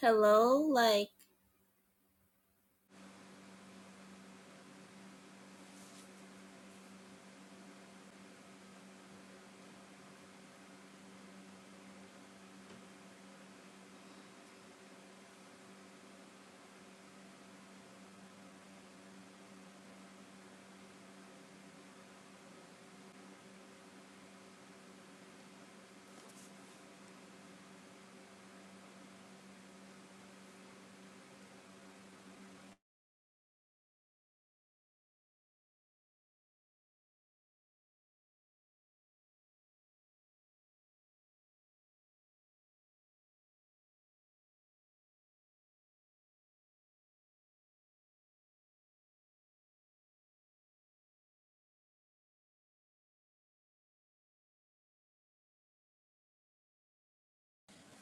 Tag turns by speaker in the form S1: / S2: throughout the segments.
S1: Hello? Like,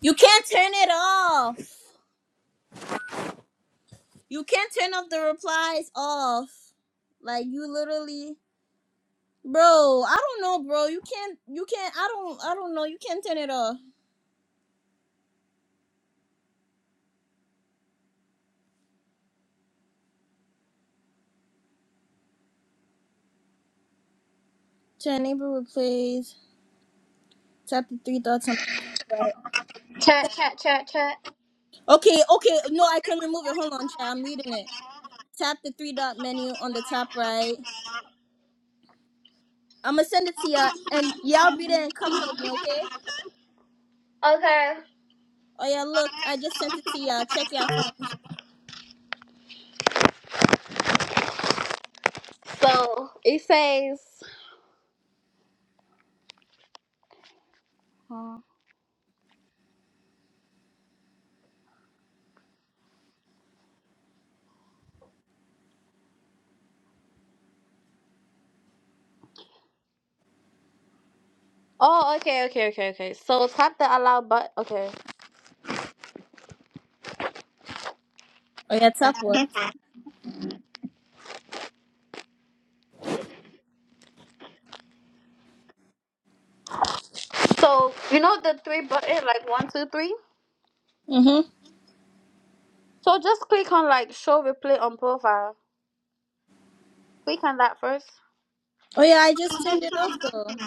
S1: you can't turn it off. You can't turn off the replies off. Like, you literally, bro. I don't know, bro. You can't. You can't. I don't. I don't know. You can't turn it off. Turn neighbor replies. tap the three dots on the top right.
S2: Chat, chat, chat, chat.
S1: Okay. Okay. No, I can remove it. Hold on, child. I'm reading it. Tap the three dot menu on the top right. I'm gonna send it to y'all, and y'all read it and come help me, okay?
S2: Okay.
S1: Oh yeah, look, I just sent it to y'all. Check y'all phone.
S2: So it says. Huh. Oh, okay, okay, okay, okay. So tap the allow button. Okay.
S1: Oh yeah, tap what?
S2: So you know the three button, like one, two, three.
S1: Mm-hmm.
S2: So just click on like show replay on profile. Click on that first.
S1: Oh yeah, I just turned it off though.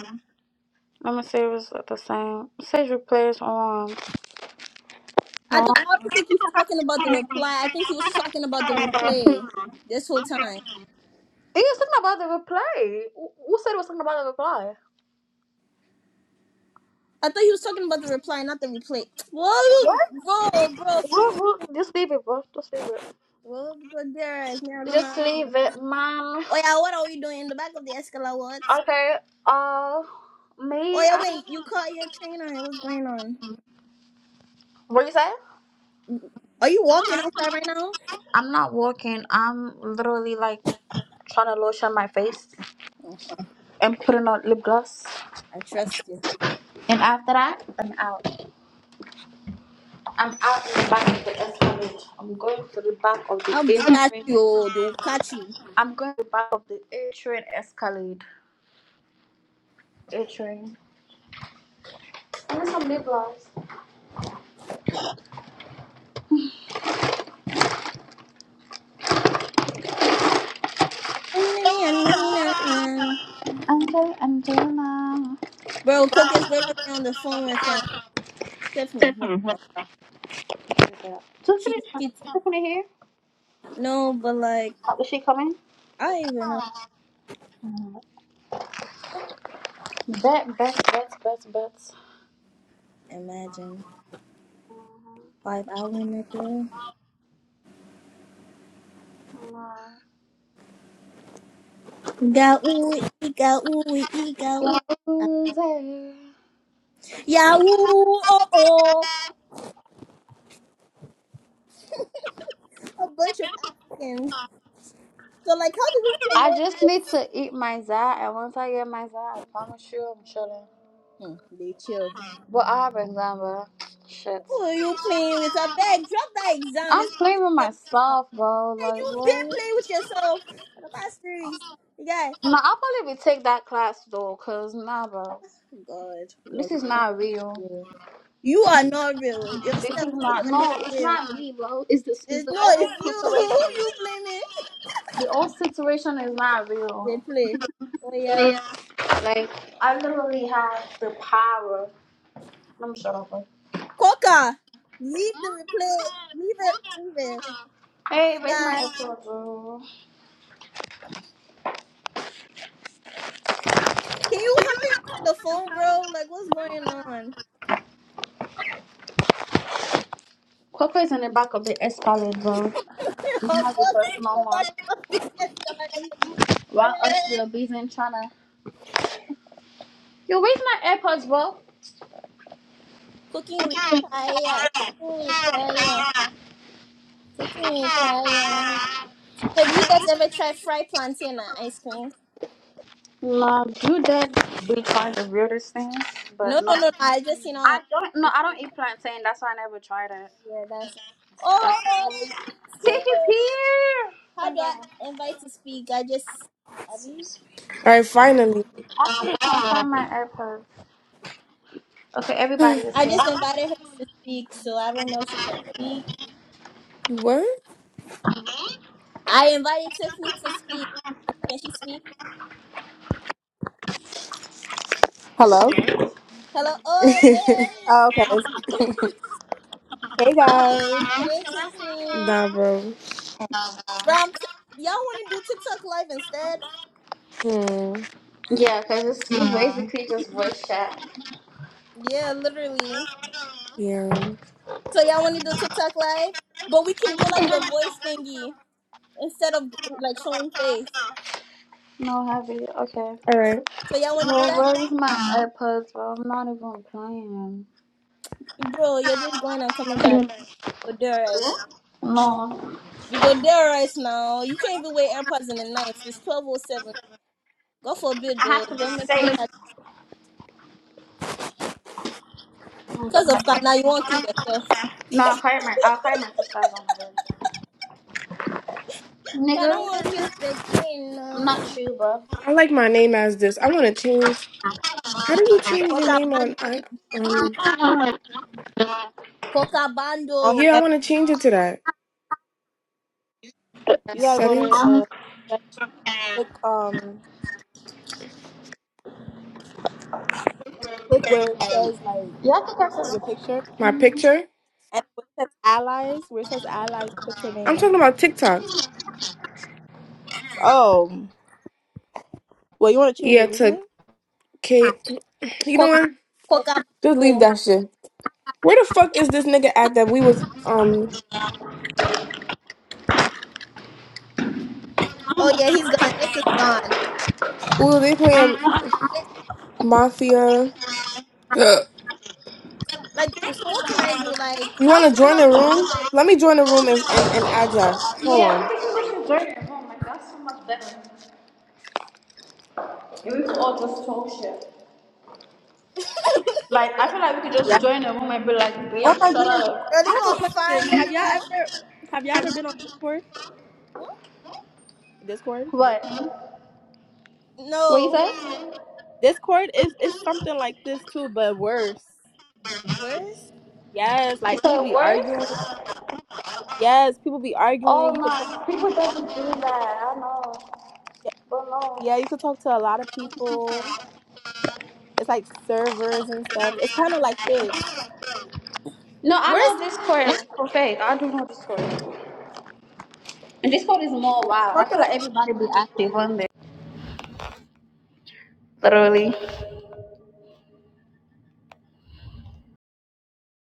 S2: Let me see if it's the same. It says replay is on.
S1: I
S2: No.
S1: don't. I don't think he's talking about the reply. I think he was talking about the replay this whole time.
S2: It is something about the replay. Who who said it was something about the reply?
S1: I thought he was talking about the reply, not the replay.
S2: What?
S1: Whoa, bro, bro,
S2: what?
S1: friend.
S2: what- Just leave it, bro. Just leave it.
S1: Whoa, because there is now I don't
S2: Just
S1: know.
S2: leave it, man.
S1: Oh yeah, what are we doing in the back of the escalator? What?
S2: Okay. Uh,
S1: Oh
S2: me.
S1: yeah,
S2: I,
S1: wait. You caught your trainer. What's going on?
S2: what you say?
S1: Are you walking outside right now?
S2: I'm not walking. I'm literally like trying to lotion my face and putting on lip gloss.
S1: I trust you.
S2: And after that, I'm out. I'm out in the back of the Escalade. I'm going to the back of the
S1: I'll
S2: A
S1: they catch
S2: train.
S1: you. They will catch you.
S2: I'm going to the back of the A train Escalade. A train. I need some lip gloss.
S1: Nah, nah, nah, nah, nah, nah.
S2: Angel, Angelina.
S1: Bro, quick is literally on the phone with um Tiffany right now. She,
S2: Tiffany,
S1: she,
S2: Tiffany here.
S1: no, but like,
S2: Uh, Is she coming?
S1: I even know.
S2: Mm. Bet, bet, bet, bet, bet.
S1: Imagine five hour nigga. Got ooh, ee, got ooh, ee, got ooh.
S2: loser.
S1: Yeah, ooh, oh, oh. A bunch of Africans. So, like, how do we
S2: I
S1: promote
S2: just need
S1: this?
S2: to eat my za, and once I get my za, I promise you I'm chilling.
S1: Hmm, they chill.
S2: But I have exam, bro. Shit.
S1: Who are you playing with? I beg, drop that exam.
S2: I'm
S1: It's in
S2: playing with
S1: your mouth.
S2: myself, bro.
S1: Hey,
S2: Like,
S1: you been
S2: what?
S1: playing with yourself for the past three. You got
S2: Nah, I'll probably be take that class, though, because, nah, bro.
S1: God,
S2: This is not real.
S1: well, you are not real.
S2: This
S1: Yourself,
S2: is
S1: you
S2: not,
S1: are not
S2: no, it's
S1: real.
S2: not me, bro. It's, this, it's
S1: It's,
S2: the
S1: no,
S2: old
S1: it's you. Who
S2: situation.
S1: you blaming?
S2: The old situation is not real.
S1: Replay. Oh yeah.
S2: Yeah. Like, I literally have the power. I'm shut up, bro.
S1: Coca, leave the replay. Leave it. Leave it. Oh
S2: Hey,
S1: my
S2: where's my
S1: god.
S2: Apple, bro?
S1: Can you hurry up on the phone, bro? Like, what's going on?
S2: Coco's in the back of the Espalade, bro. It's
S1: I'm
S2: not the
S1: busting
S2: first
S1: in the
S2: mama.
S1: back of the escalator. Oh
S2: Why us
S1: yeah.
S2: still busy in China? Yo, where's my AirPods, bro?
S1: Cooking with Kaya. Cooking with Kaya. Cooking with Kaya. Have you guys ever tried fried plantain and ice cream?
S2: Nah, you did be trying the weirdest things, but
S1: No,
S2: no.
S1: no, no, no. I just seen on.
S2: I don't, no, I don't eat plantain. That's why I never tried it.
S1: Yeah, that's.
S2: That's the
S1: Oh,
S2: only-
S1: Tiffany's
S2: Tiff is
S1: here.
S2: here!
S1: How do
S2: Thank
S1: I
S2: God.
S1: invite to speak? I just
S3: All right, finally.
S2: I should find my AirPods. Okay, everybody is
S1: I
S2: here.
S1: just invited her to speak, so I don't know if she can speak.
S3: what?
S1: I invited Tiffany to speak. Can she speak?
S4: Hello.
S1: Hello. Oh yay!
S4: Oh, okay. It's- Hey guys,
S1: Hey Tiffany.
S3: nah, bro.
S1: Bro, I'm t- y'all want to do TikTok live instead?
S3: Hmm.
S2: Yeah, because it's basically just voice chat.
S1: Yeah, literally.
S3: Yeah. All
S1: So y'all want to do TikTok live, but we can do like the voice thingy instead of like showing face.
S2: No, heavy. Okay.
S3: right.
S1: So y'all want to do
S2: Well,
S1: that?
S2: where is my AirPods, bro? I'm not even playing.
S1: Bro, you're just going and coming back. But alright.
S2: No,
S1: You go there right now. You can't even wear AirPods in the night. It's twelve oh seven. God forbid
S2: I
S1: though.
S2: have to be
S1: Don't make them
S2: safe.
S1: catch
S2: No,
S1: because of Kana, you won't kill yourself.
S2: I'll carry my, I'll carry my sisters on my bed.
S1: I don't want
S2: Nigga,
S1: kill the king
S2: I'm not
S1: no.
S2: you, bro.
S3: I like my name as this. I want to change. How do you change your
S1: Coca
S3: name on?
S1: Bando.
S3: I um.
S1: Coca Bando.
S3: Yeah, I want to change it to that
S4: you gotta go to
S3: settings.
S4: uh
S2: Y'all
S4: click um click where it says like
S2: think that's a
S4: your picture
S3: My picture.
S4: and where it says allies where it says allies put your
S3: I'm
S4: name.
S3: talking about TikTok.
S4: Oh, well you want to change your
S3: Yeah, to
S4: username?
S3: K. You
S1: Co-
S3: know what?
S1: Coca
S3: Just leave
S1: Bando.
S3: that shit. Where the fuck is this nigga at that we was um?
S1: Oh yeah, he's gone. Nick is gone.
S3: Ooh, they playing
S1: Nick-
S3: Mafia.
S1: Like so what can I do? Like
S3: You
S1: how
S3: want to
S1: can
S3: join
S1: how
S3: the
S1: can we
S3: room?
S1: invite
S3: Let me join the room and, and, and add y'all. Hold on.
S2: square? Like, I feel like we could
S4: Yeah.
S2: just join a room and be like,
S4: Oh
S2: bitch,
S4: my
S2: shut
S4: goodness,
S2: up.
S1: Are
S4: I
S1: they
S4: have a
S1: gonna find
S4: question.
S1: me? They
S4: Have y'all
S1: gonna
S4: ever have y'all ever been on Discord?
S1: what?
S4: Discord?
S2: What? What you
S1: No.
S2: say?
S4: Discord is is something like this too, but worse.
S1: Where's
S4: Yes,
S2: You
S4: like
S2: say
S4: people be arguing.
S2: words?
S4: Yes, people be arguing.
S2: Oh,
S4: You could talk.
S2: no. People doesn't do that. I know. But no.
S4: Yeah, you could talk to a lot of people. It's like servers and stuff. It's kind of like this.
S2: No, I
S1: where's
S2: know Discord for fake. I do know Discord. And Discord is more wild. I feel like everybody be active on there. Literally.